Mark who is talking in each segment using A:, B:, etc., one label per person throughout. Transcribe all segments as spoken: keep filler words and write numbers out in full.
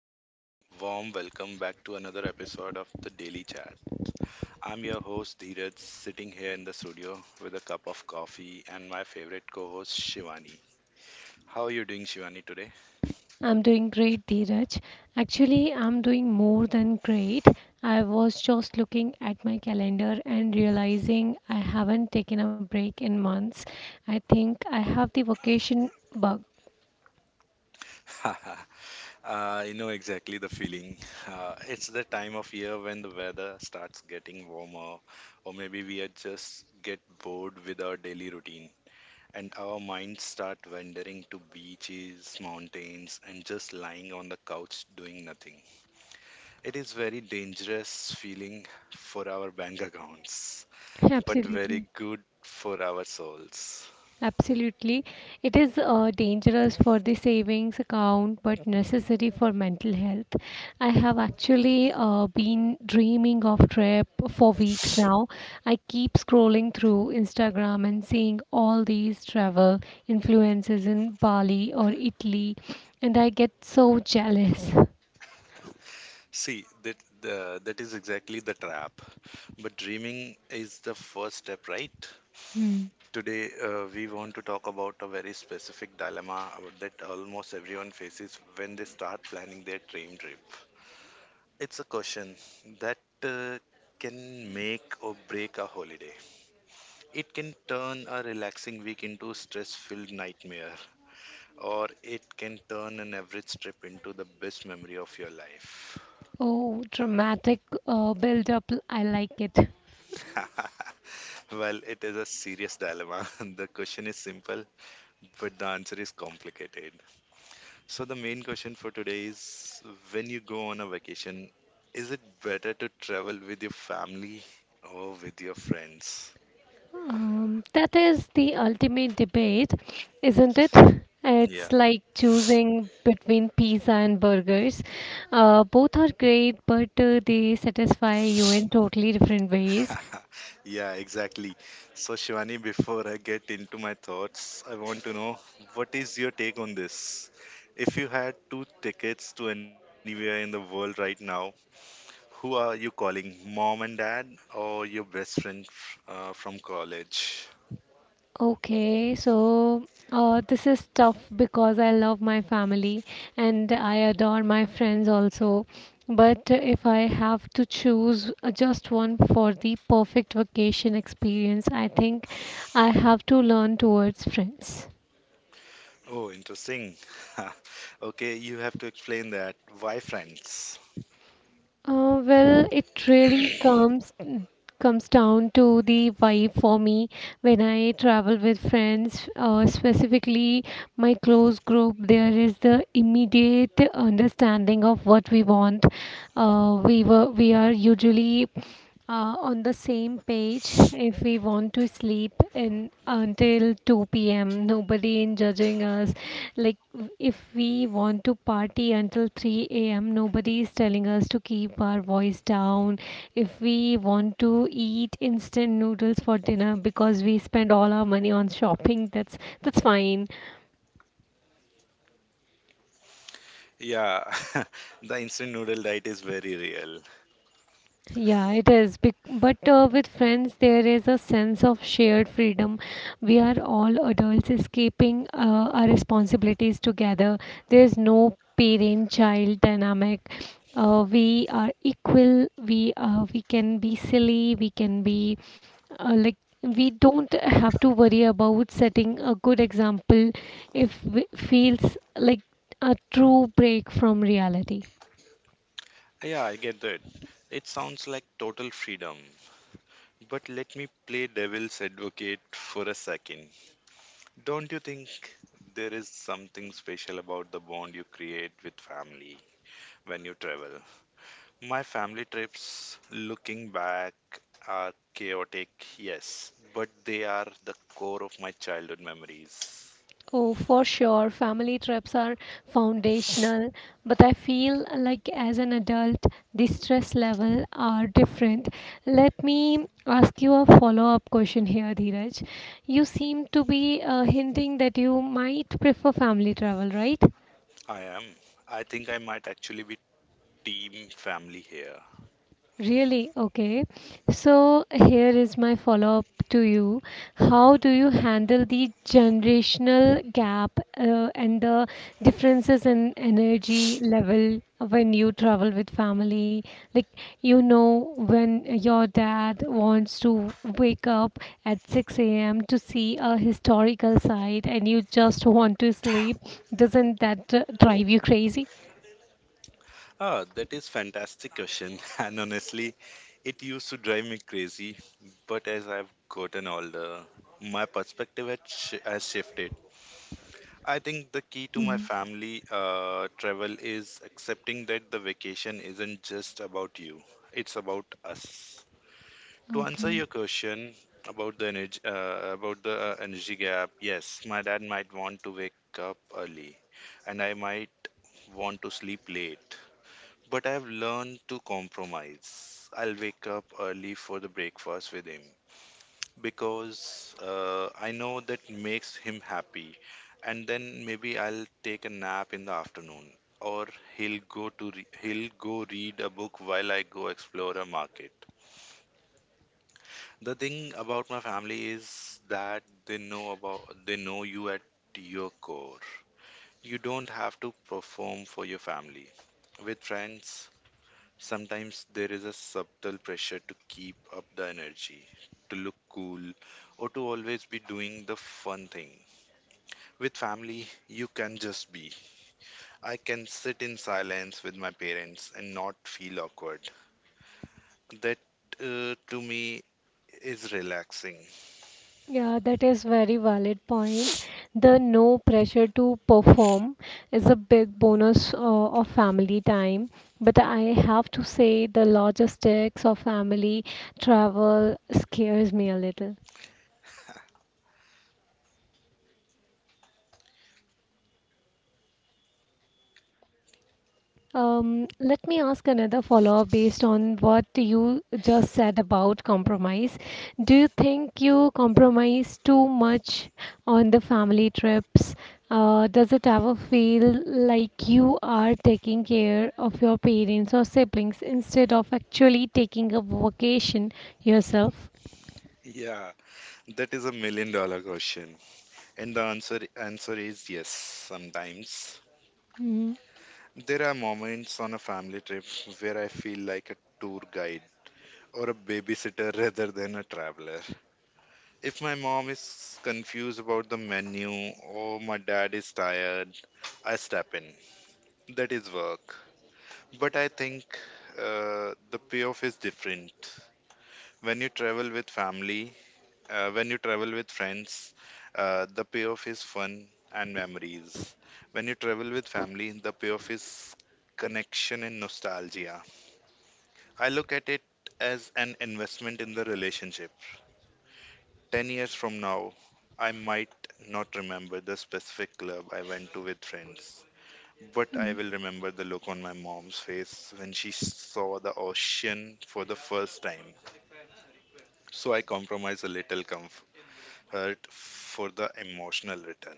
A: very warm, warm welcome back to another episode of the Daily Chat. I'm your host Dheeraj, sitting here in the studio with a cup of coffee and my favorite co-host Shivani. How are you doing, Shivani, today?
B: I'm doing great, Dheeraj. Actually, I'm doing more than great. I was just looking at my calendar and realizing I haven't taken a break in months. I think I have the vacation bug.
A: Uh, you know exactly the feeling. Uh, it's the time of year when the weather starts getting warmer, or maybe we are just get bored with our daily routine. And our minds start wandering to beaches, mountains, and just lying on the couch doing nothing. It is very dangerous feeling for our bank accounts, but
B: Absolutely.
A: very good for our souls.
B: Absolutely. It is uh, dangerous for the savings account but necessary for mental health. I have actually uh, been dreaming of trip for weeks now. I keep scrolling through Instagram and seeing all these travel influences in Bali or Italy, and I get so jealous.
A: See, that the, that is exactly the trap. But dreaming is the first step, right?
B: Hmm.
A: Today, uh, we want to talk about a very specific dilemma uh, that almost everyone faces when they start planning their dream trip. It's a question that uh, can make or break a holiday. It can turn a relaxing week into a stress filled nightmare, or it can turn an average trip into the best memory of your life.
B: Oh, dramatic uh, build up. I like it.
A: Well, it is a serious dilemma. The question is simple, but the answer is complicated. So, the main question for today is, when you go on a vacation, is it better to travel with your family or with your friends?
B: Um, that is the ultimate debate, isn't it? It's
A: Yeah.
B: like choosing between pizza and burgers. Uh, both are great, but uh, they satisfy you in totally different ways.
A: Yeah, exactly. So, Shivani, before I get into my thoughts, I want to know, what is your take on this? If you had two tickets to anywhere in the world right now, who are you calling? Mom and dad, or your best friend uh, from college?
B: Okay, so uh, this is tough because I love my family and I adore my friends also. But if I have to choose uh, just one for the perfect vacation experience, I think I have to learn towards friends.
A: Oh, interesting. Okay, you have to explain that. Why friends?
B: Uh, well, it really comes comes down to the vibe for me when I travel with friends, uh, specifically my close group. There is the immediate understanding of what we want. Uh, we were we are usually uh, on the same page. If we want to sleep in until two p m, nobody in judging us. Like w- if we want to party until three a m, nobody is telling us to keep our voice down. If we want to eat instant noodles for dinner because we spend all our money on shopping, that's that's fine.
A: Yeah, the instant noodle diet is very real.
B: Yeah, it is. bec- But uh, with friends, there is a sense of shared freedom. We are all adults escaping uh, our responsibilities together. There is no parent-child dynamic. Uh, we are equal. We uh, we can be silly. We can be uh, like we don't have to worry about setting a good example. If it feels like a true break from reality.
A: Yeah, I get that. It sounds like total freedom. But let me play devil's advocate for a second. Don't you think there is something special about the bond you create with family when you travel? My family trips, looking back, are chaotic, yes, but they are the core of my childhood memories.
B: Oh, for sure, family trips are foundational, but I feel like as an adult, the stress level are different. Let me ask you a follow-up question here, Dheeraj. You seem to be uh, hinting that you might prefer family travel, right?
A: I am. I think I might actually be team family here.
B: Really? Okay. So here is my follow-up to you. How do you handle the generational gap uh, and the differences in energy level when you travel with family? Like, you know, when your dad wants to wake up at six a m to see a historical site and you just want to sleep, doesn't that uh, drive you crazy?
A: Ah, that is fantastic question. And honestly, it used to drive me crazy. But as I've gotten older, my perspective has, sh- has shifted. I think the key to my
B: Mhm.
A: family uh, travel is accepting that the vacation isn't just about you; it's about us. To answer
B: Okay.
A: your question about the energy, uh, about the uh, energy gap, yes, my dad might want to wake up early, and I might want to sleep late. But I've learned to compromise. I'll wake up early for the breakfast with him because uh, I know that makes him happy. And then maybe I'll take a nap in the afternoon, or he'll go to re- he'll go read a book while I go explore a market. The thing about my family is that they know about they know you at your core. You don't have to perform for your family. With friends, sometimes there is a subtle pressure to keep up the energy, to look cool, or to always be doing the fun thing. With family, you can just be. I can sit in silence with my parents and not feel awkward. That, uh, to me, is relaxing.
B: Yeah, that is very valid point. The no pressure to perform is a big bonus uh, of family time. But I have to say the logistics of family travel scares me a little. Um, let me ask another follow-up based on what you just said about compromise. Do you think you compromise too much on the family trips? Uh, does it ever feel like you are taking care of your parents or siblings instead of actually taking a vacation yourself?
A: Yeah, that is a million dollar question. And the answer answer is yes, sometimes.
B: Mhm.
A: There are moments on a family trip where I feel like a tour guide or a babysitter rather than a traveler. If my mom is confused about the menu or my dad is tired, I step in. That is work. But I think uh, the payoff is different. When you travel with family, uh, when you travel with friends, uh, the payoff is fun and memories. When you travel with family, the payoff is connection and nostalgia. I look at it as an investment in the relationship. ten years from now, I might not remember the specific club I went to with friends, but I will remember the look on my mom's face when she saw the ocean for the first time. So I compromise a little comfort for the emotional return.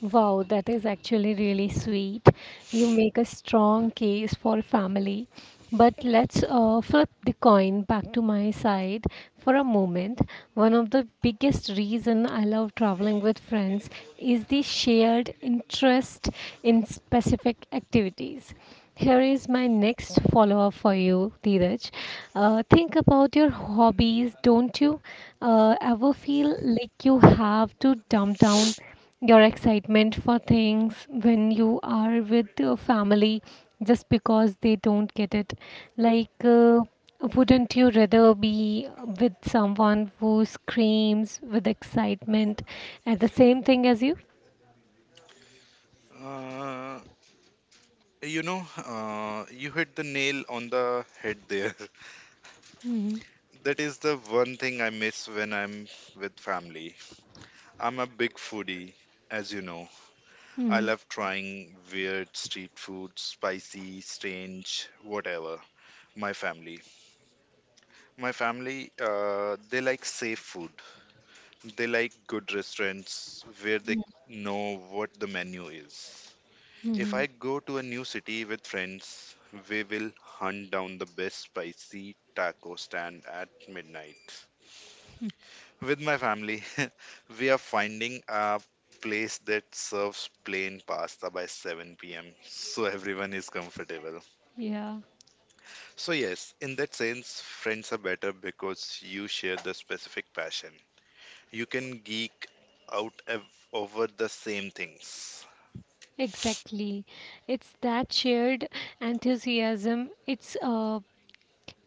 B: Wow, that is actually really sweet. You make a strong case for family. But let's uh, flip the coin back to my side for a moment. One of the biggest reason I love traveling with friends is the shared interest in specific activities. Here is my next follow up for you, Dheeraj. Uh, think about your hobbies. Don't you uh, ever feel like you have to dumb down your excitement for things when you are with your family, just because they don't get it? Like, uh, wouldn't you rather be with someone who screams with excitement at the same thing as you?
A: Uh, you know, uh, you hit the nail on the head there.
B: Mm-hmm.
A: That is the one thing I miss when I'm with family. I'm a big foodie, as you know. I
B: Mm-hmm.
A: love trying weird street food, spicy, strange, whatever. My family. My family, uh, they like safe food. They like good restaurants where they know what the menu is. If
B: Mm-hmm.
A: I go to a new city with friends, we will hunt down the best spicy taco stand at midnight. With my family, we are finding a place that serves plain pasta by seven p m so everyone is comfortable.
B: Yeah,
A: So, yes, in that sense, friends are better because you share the specific passion. You can geek out ev- over the same things.
B: exactly. It's that shared enthusiasm. It's uh,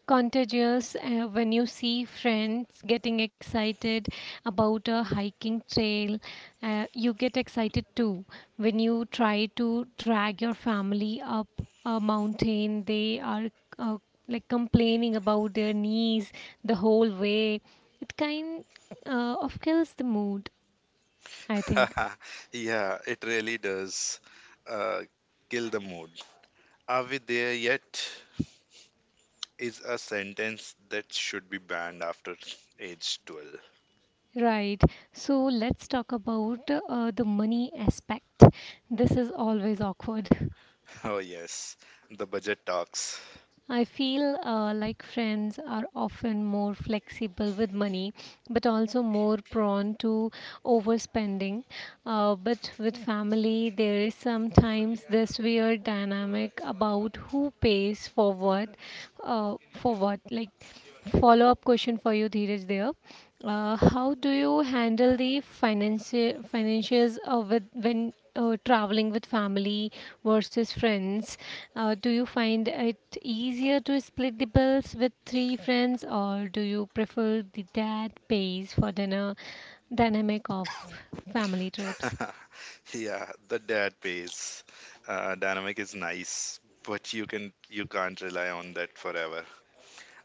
B: contagious. Uh, when you see friends getting excited about a hiking trail, uh, you get excited too. When you try to drag your family up a mountain, they are uh, like complaining about their knees the whole way. It kind uh, of kills the mood, I think.
A: Yeah, it really does uh, kill the mood. "Are we there yet?" is a sentence that should be banned after age twelve.
B: Right, so let's talk about uh, the money aspect. This is always awkward.
A: Oh, yes, the budget talks.
B: I feel uh, like friends are often more flexible with money, but also more prone to overspending. Uh, but with family, there is sometimes this weird dynamic about who pays for what. Uh, for what? Like, follow up question for you, Dheeraj, there. Uh, how do you handle the financi- financials uh, with, when uh, traveling with family versus friends? Uh, do you find it easier to split the bills with three friends, or do you prefer the dad pays for dinner dynamic of family trips?
A: Yeah, the dad pays. Uh, dynamic is nice, but you can you can't rely on that forever.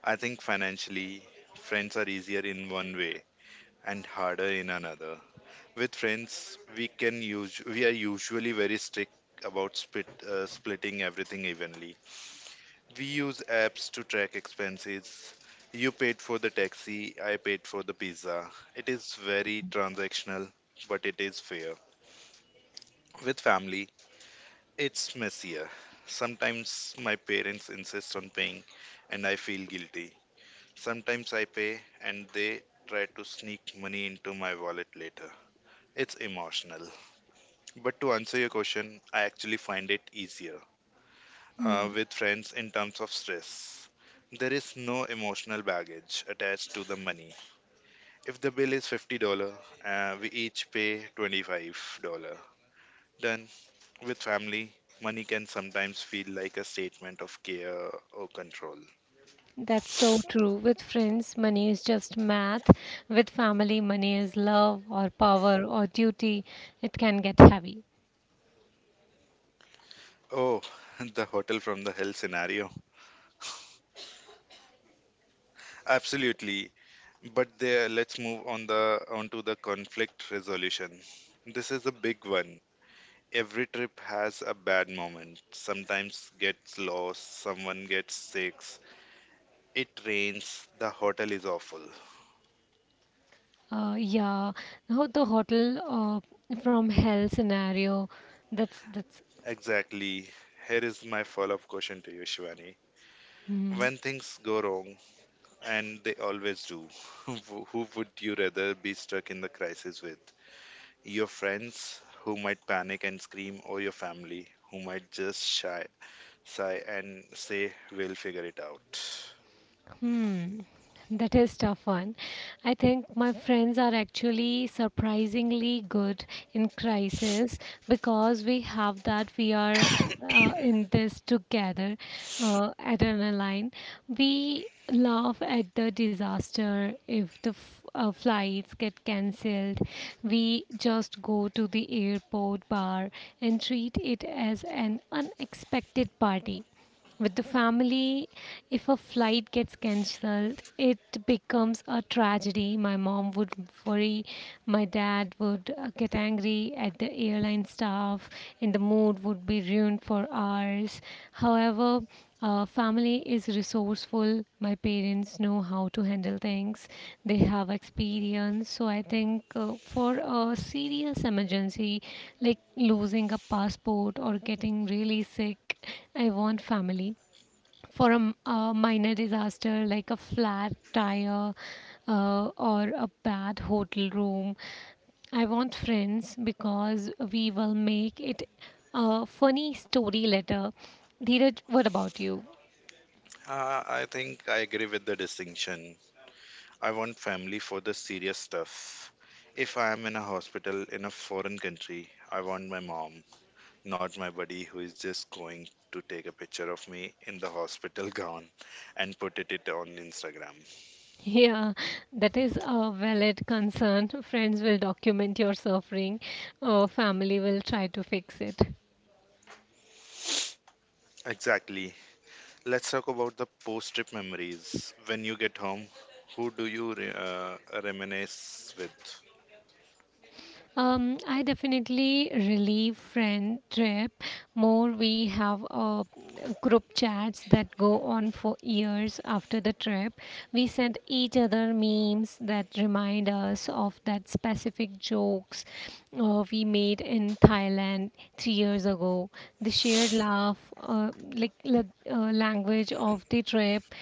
A: I think financially, friends are easier in one way and harder in another. With friends, we can use we are usually very strict about split uh, splitting everything evenly. We use apps to track expenses. You paid for the taxi, I paid for the pizza. It is very transactional, but it is fair. With family, it's messier. Sometimes my parents insist on paying and I feel guilty. Sometimes I pay and they try to sneak money into my wallet later. It's emotional. But to answer your question, I actually find it easier,
B: Hmm.
A: uh, with friends in terms of stress. There is no emotional baggage attached to the money. If the bill is fifty dollars uh, we each pay twenty-five dollars. Then, with family, money can sometimes feel like a statement of care or control.
B: That's so true. With friends, money is just math. With family, money is love or power or duty. It can get heavy.
A: Oh, the hotel from the hell scenario. Absolutely. But there, let's move on the onto the conflict resolution. This is a big one. Every trip has a bad moment. Sometimes gets lost, someone gets sick, it rains, the hotel is awful.
B: Uh, yeah, now the hotel uh, from hell scenario. That's that's.
A: Exactly. Here is my follow up question to you, Shivani.
B: Mhm.
A: When things go wrong, and they always do, who who would you rather be stuck in the crisis with? Your friends who might panic and scream, or your family who might just shy, sigh and say, "We'll figure it out"?
B: Hmm, that is tough one. I think my friends are actually surprisingly good in crisis because we have that we are uh, in this together uh, adrenaline. We laugh at the disaster. If the f- uh, flights get cancelled, we just go to the airport bar and treat it as an unexpected party. With the family, if a flight gets cancelled, it becomes a tragedy. My mom would worry, my dad would uh, get angry at the airline staff, and the mood would be ruined for hours. However, uh, family is resourceful. My parents know how to handle things. They have experience. So I think uh, for a serious emergency, like losing a passport or getting really sick, I want family. For a, m- a minor disaster like a flat tire uh, or a bad hotel room, I want friends because we will make it a funny story later. Dheeraj, what about you?
A: Uh, I think I agree with the distinction. I want family for the serious stuff. If I am in a hospital in a foreign country, I want my mom, not my buddy who is just going to take a picture of me in the hospital gown and put it, it on Instagram.
B: Yeah, that is a valid concern. Friends will document your suffering, uh, family will try to fix it.
A: Exactly. Let's talk about the post trip memories. When you get home, who do you re- uh, reminisce with?
B: Um, I definitely relieve friend trip more. We have uh, group chats that go on for years after the trip. We send each other memes that remind us of that specific jokes uh, we made in Thailand three years ago. The shared laugh, uh, like like, uh, language of the trip,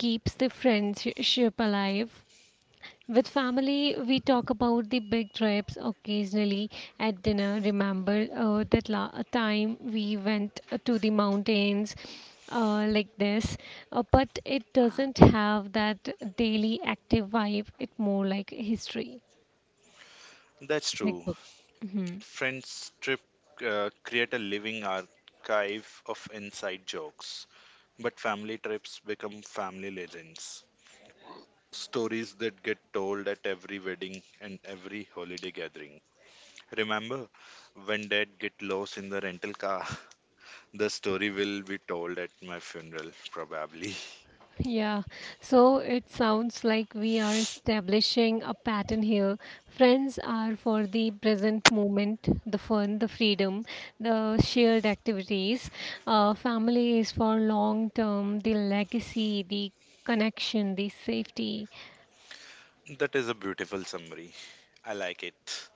B: keeps the friendship alive. With family, we talk about the big trips occasionally at dinner. Remember uh, that la- uh, time we went uh, to the mountains uh, like this, uh, but it doesn't have that daily active vibe. It's more like history,
A: That's
B: like
A: true.
B: book. Mhm.
A: Friends trip uh, create a living archive of inside jokes. But family trips become family legends, stories that get told at every wedding and every holiday gathering. Remember, when dad get lost in the rental car, the story will be told at my funeral, probably.
B: Yeah, so it sounds like we are establishing a pattern here. Friends are for the present moment, the fun, the freedom, the shared activities. Uh, family is for long term, the legacy, the connection, the safety.
A: That is a beautiful summary. I like it.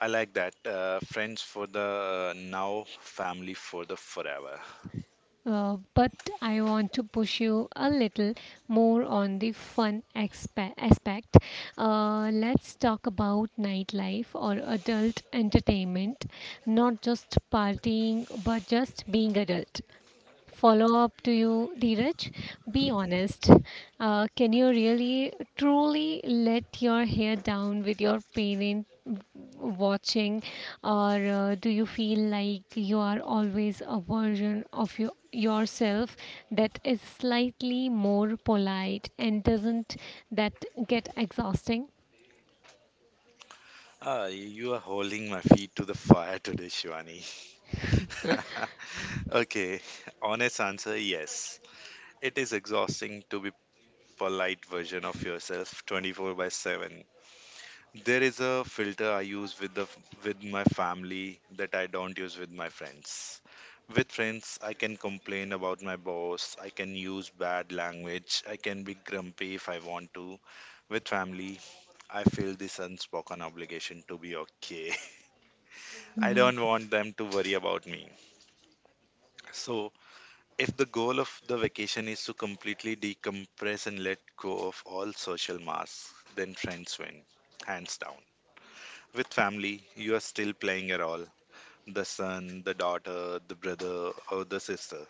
A: I like that. Uh, friends for the uh, now, family for the forever.
B: Uh, but I want to push you a little more on the fun expe- aspect. Uh, let's talk about nightlife or adult entertainment, not just partying, but just being adult. Follow up to you, Dheeraj. Be honest. Uh, can you really truly let your hair down with your parent watching, or uh, do you feel like you are always a version of your, yourself that is slightly more polite, and doesn't that get exhausting?
A: Ah, you are holding my feet to the fire today, Shivani. Okay, honest answer yes. It is exhausting to be polite version of yourself twenty-four by seven. There is a filter I use with the with my family that I don't use with my friends. With friends, I can complain about my boss, I can use bad language, I can be grumpy if I want to. With family, I feel this unspoken obligation to be okay. I
B: Mm-hmm.
A: don't want them to worry about me. So if the goal of the vacation is to completely decompress and let go of all social masks, then friends win, hands down. With family, you are still playing a role, the son, the daughter, the brother, or the sister.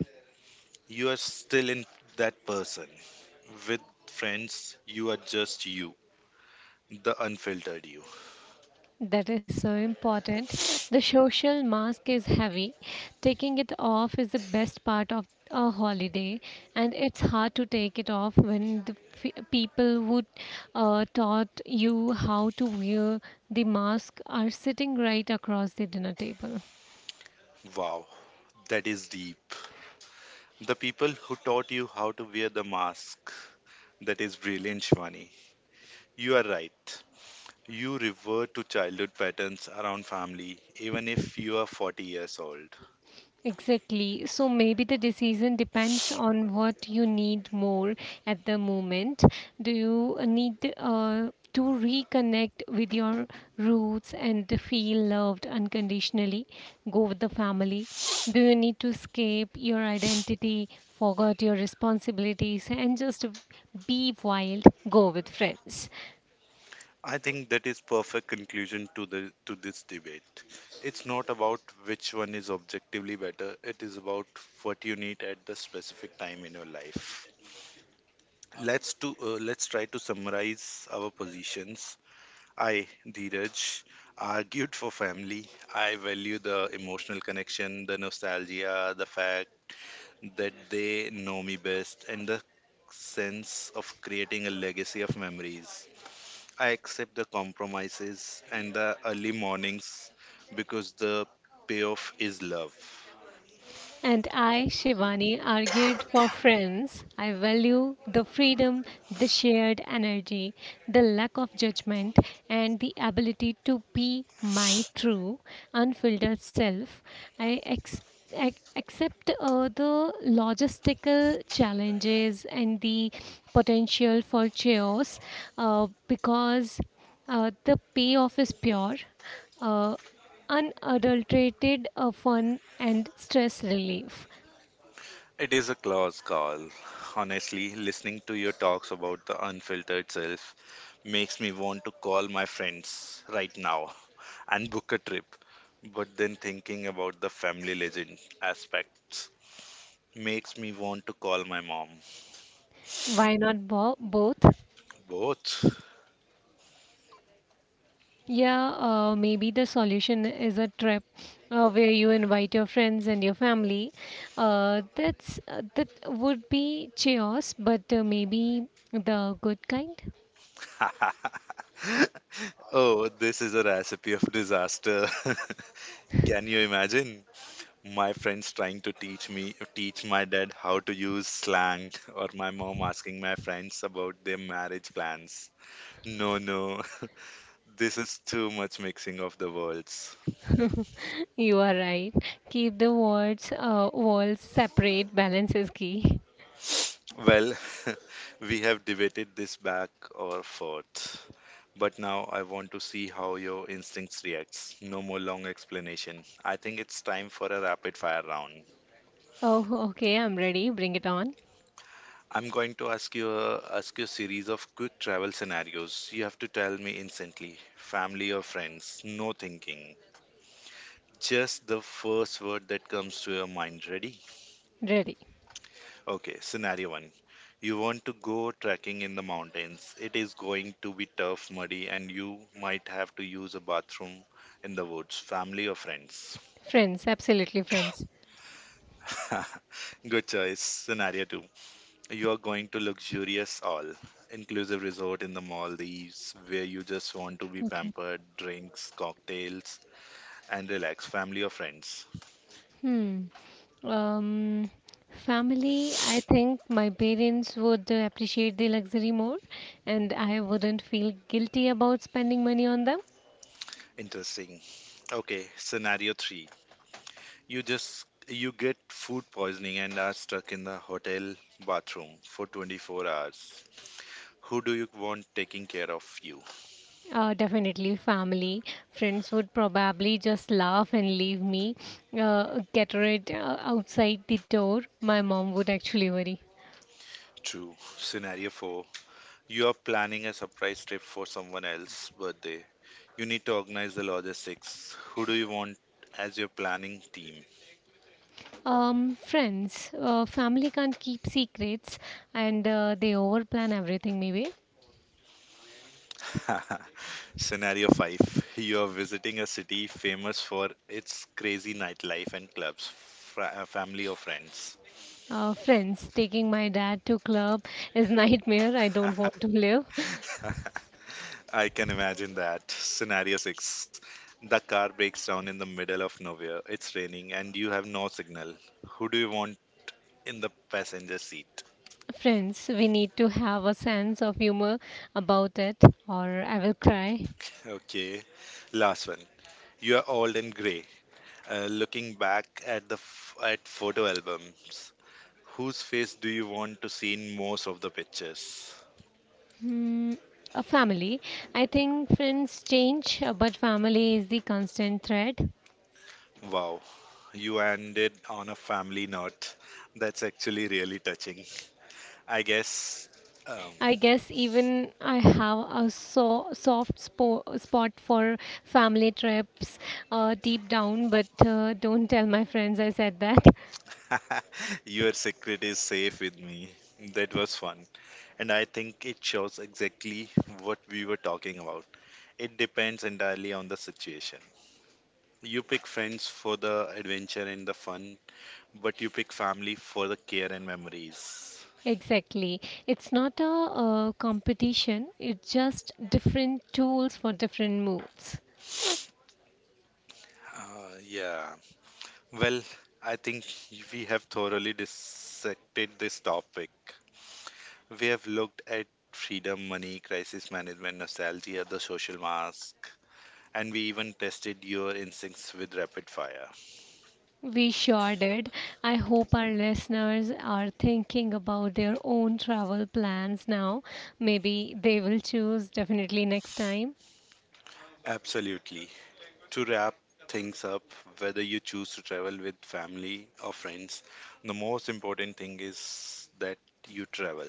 A: You are still in that person. With friends, you are just you, the unfiltered you.
B: That is so important. The social mask is heavy. Taking it off is the best part of a holiday, and it's hard to take it off when the f- people who uh, taught you how to wear the mask are sitting right across the dinner table.
A: Wow, that is deep. The people who taught you how to wear the mask. That is brilliant, Shivani. You are right. You revert to childhood patterns around family, even if you are forty years old.
B: Exactly. So maybe the decision depends on what you need more at the moment. Do you need uh, to reconnect with your roots and feel loved unconditionally? Go with the family. Do you need to escape your identity, forget your responsibilities, and just be wild? Go with friends.
A: I think that is perfect conclusion to the to this debate. It's not about which one is objectively better. It is about what you need at the specific time in your life. Let's to uh, let's try to summarize our positions. I, Dheeraj, argued for family. I value the emotional connection, the nostalgia, the fact that they know me best and the sense of creating a legacy of memories. I accept the compromises and the early mornings because the payoff is love.
B: And I, Shivani, argued for friends. I value the freedom, the shared energy, the lack of judgment, and the ability to be my true, unfiltered self. I ex- ac- accept uh, the logistical challenges and the potential for chaos uh, because uh, the payoff is pure uh, unadulterated uh, fun and stress relief.
A: It is a close call. Honestly, listening to your talks about the unfiltered self makes me want to call my friends right now and book a trip. But then thinking about the family legend aspects makes me want to call my mom.
B: Why not bo- both?
A: Both.
B: Yeah, uh, maybe the solution is a trip uh, where you invite your friends and your family. Uh, that's uh, that would be chaos, but uh, maybe the good kind.
A: Oh, this is a recipe of disaster. Can you imagine? My friends trying to teach me, teach my dad how to use slang, or my mom asking my friends about their marriage plans. No, no, this is too much mixing of the worlds.
B: You are right. Keep the words uh, walls separate. Balance is key.
A: Well, we have debated this back or forth, but now I want to see how your instincts reacts. No more long explanation. I think it's time for a rapid fire round.
B: Oh, okay. I'm ready. Bring it on.
A: I'm going to ask you a, ask you a series of quick travel scenarios. You have to tell me instantly. Family or friends? No thinking. Just the first word that comes to your mind. Ready?
B: Ready.
A: Okay, scenario one. You want to go trekking in the mountains. It is going to be tough, muddy, and you might have to use a bathroom in the woods. Family or friends?
B: Friends, absolutely friends.
A: Good choice. Scenario two. You are going to luxurious all inclusive resort in the Maldives where you just want to be
B: Okay.
A: pampered, drinks, cocktails, and relax, family or friends?
B: Hmm. Um, Family, I think my parents would uh, appreciate the luxury more, and I wouldn't feel guilty about spending money on them.
A: Interesting. Okay, scenario three. You just you get food poisoning and are stuck in the hotel bathroom for twenty-four hours. Who do you want taking care of you?
B: Uh, definitely, family, friends would probably just laugh and leave me, uh, get rid uh, outside the door. My mom would actually worry.
A: True. Scenario four. You are planning a surprise trip for someone else's birthday. You need to organize the logistics. Who do you want as your planning team?
B: Um, friends, uh, family can't keep secrets, and uh, they overplan everything maybe.
A: Scenario five. You are visiting a city famous for its crazy nightlife and clubs, fr- uh, family or friends?
B: Uh, friends, taking my dad to club is nightmare. I don't want to live.
A: I can imagine that. Scenario six. The car breaks down in the middle of nowhere, it's raining, and you have no signal. Who do you want in the passenger seat?
B: Friends, we need to have a sense of humor about it, or I will cry.
A: Okay, last one. You are old and gray. Uh, looking back at the f- at photo albums, whose face do you want to see in most of the pictures?
B: Hmm, a family. I think friends change, uh, but family is the constant thread.
A: Wow, you ended on a family note. That's actually really touching. I guess um,
B: I guess even I have a so soft spo- spot for family trips uh, deep down, but uh, don't tell my friends I said that.
A: your secret is safe with me. That was fun, and I think it shows exactly what we were talking about. It depends entirely on the situation. You pick friends for the adventure and the fun, but you pick family for the care and memories.
B: Exactly. It's not a, uh competition, it's just different tools for different moods.
A: Uh, yeah. Well, I think we have thoroughly dissected this topic. We have looked at freedom, money, crisis management, nostalgia, the social mask, and we even tested your instincts with rapid fire.
B: We sure did. I hope our listeners are thinking about their own travel plans now. Maybe they will choose definitely next time.
A: Absolutely. To wrap things up, whether you choose to travel with family or friends, the most important thing is that you travel.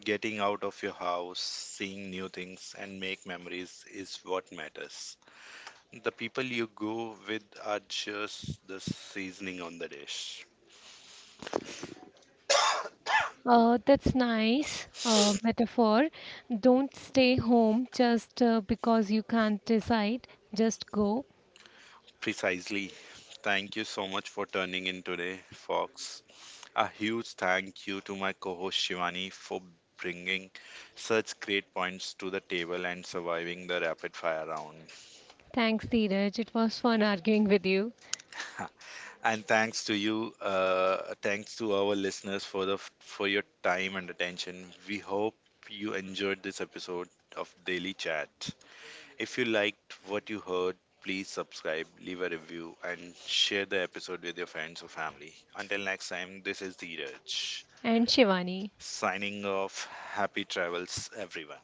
A: Getting out of your house, seeing new things, and make memories is what matters. The people you go with are just the seasoning on the dish.
B: Uh, that's nice uh, metaphor. Don't stay home just uh, because you can't decide. Just go.
A: Precisely. Thank you so much for turning in today, Fox. A huge thank you to my co host Shivani for bringing such great points to the table and surviving the rapid fire round.
B: Thanks, Dheeraj. It was fun arguing with you
A: And thanks to you, uh, thanks to our listeners for the for your time and attention. We hope you enjoyed this episode of Daily Chat. If you liked what you heard, please subscribe, leave a review, and share the episode with your friends or family. Until next time, this is Dheeraj
B: and Shivani.
A: signing off. Happy travels, everyone.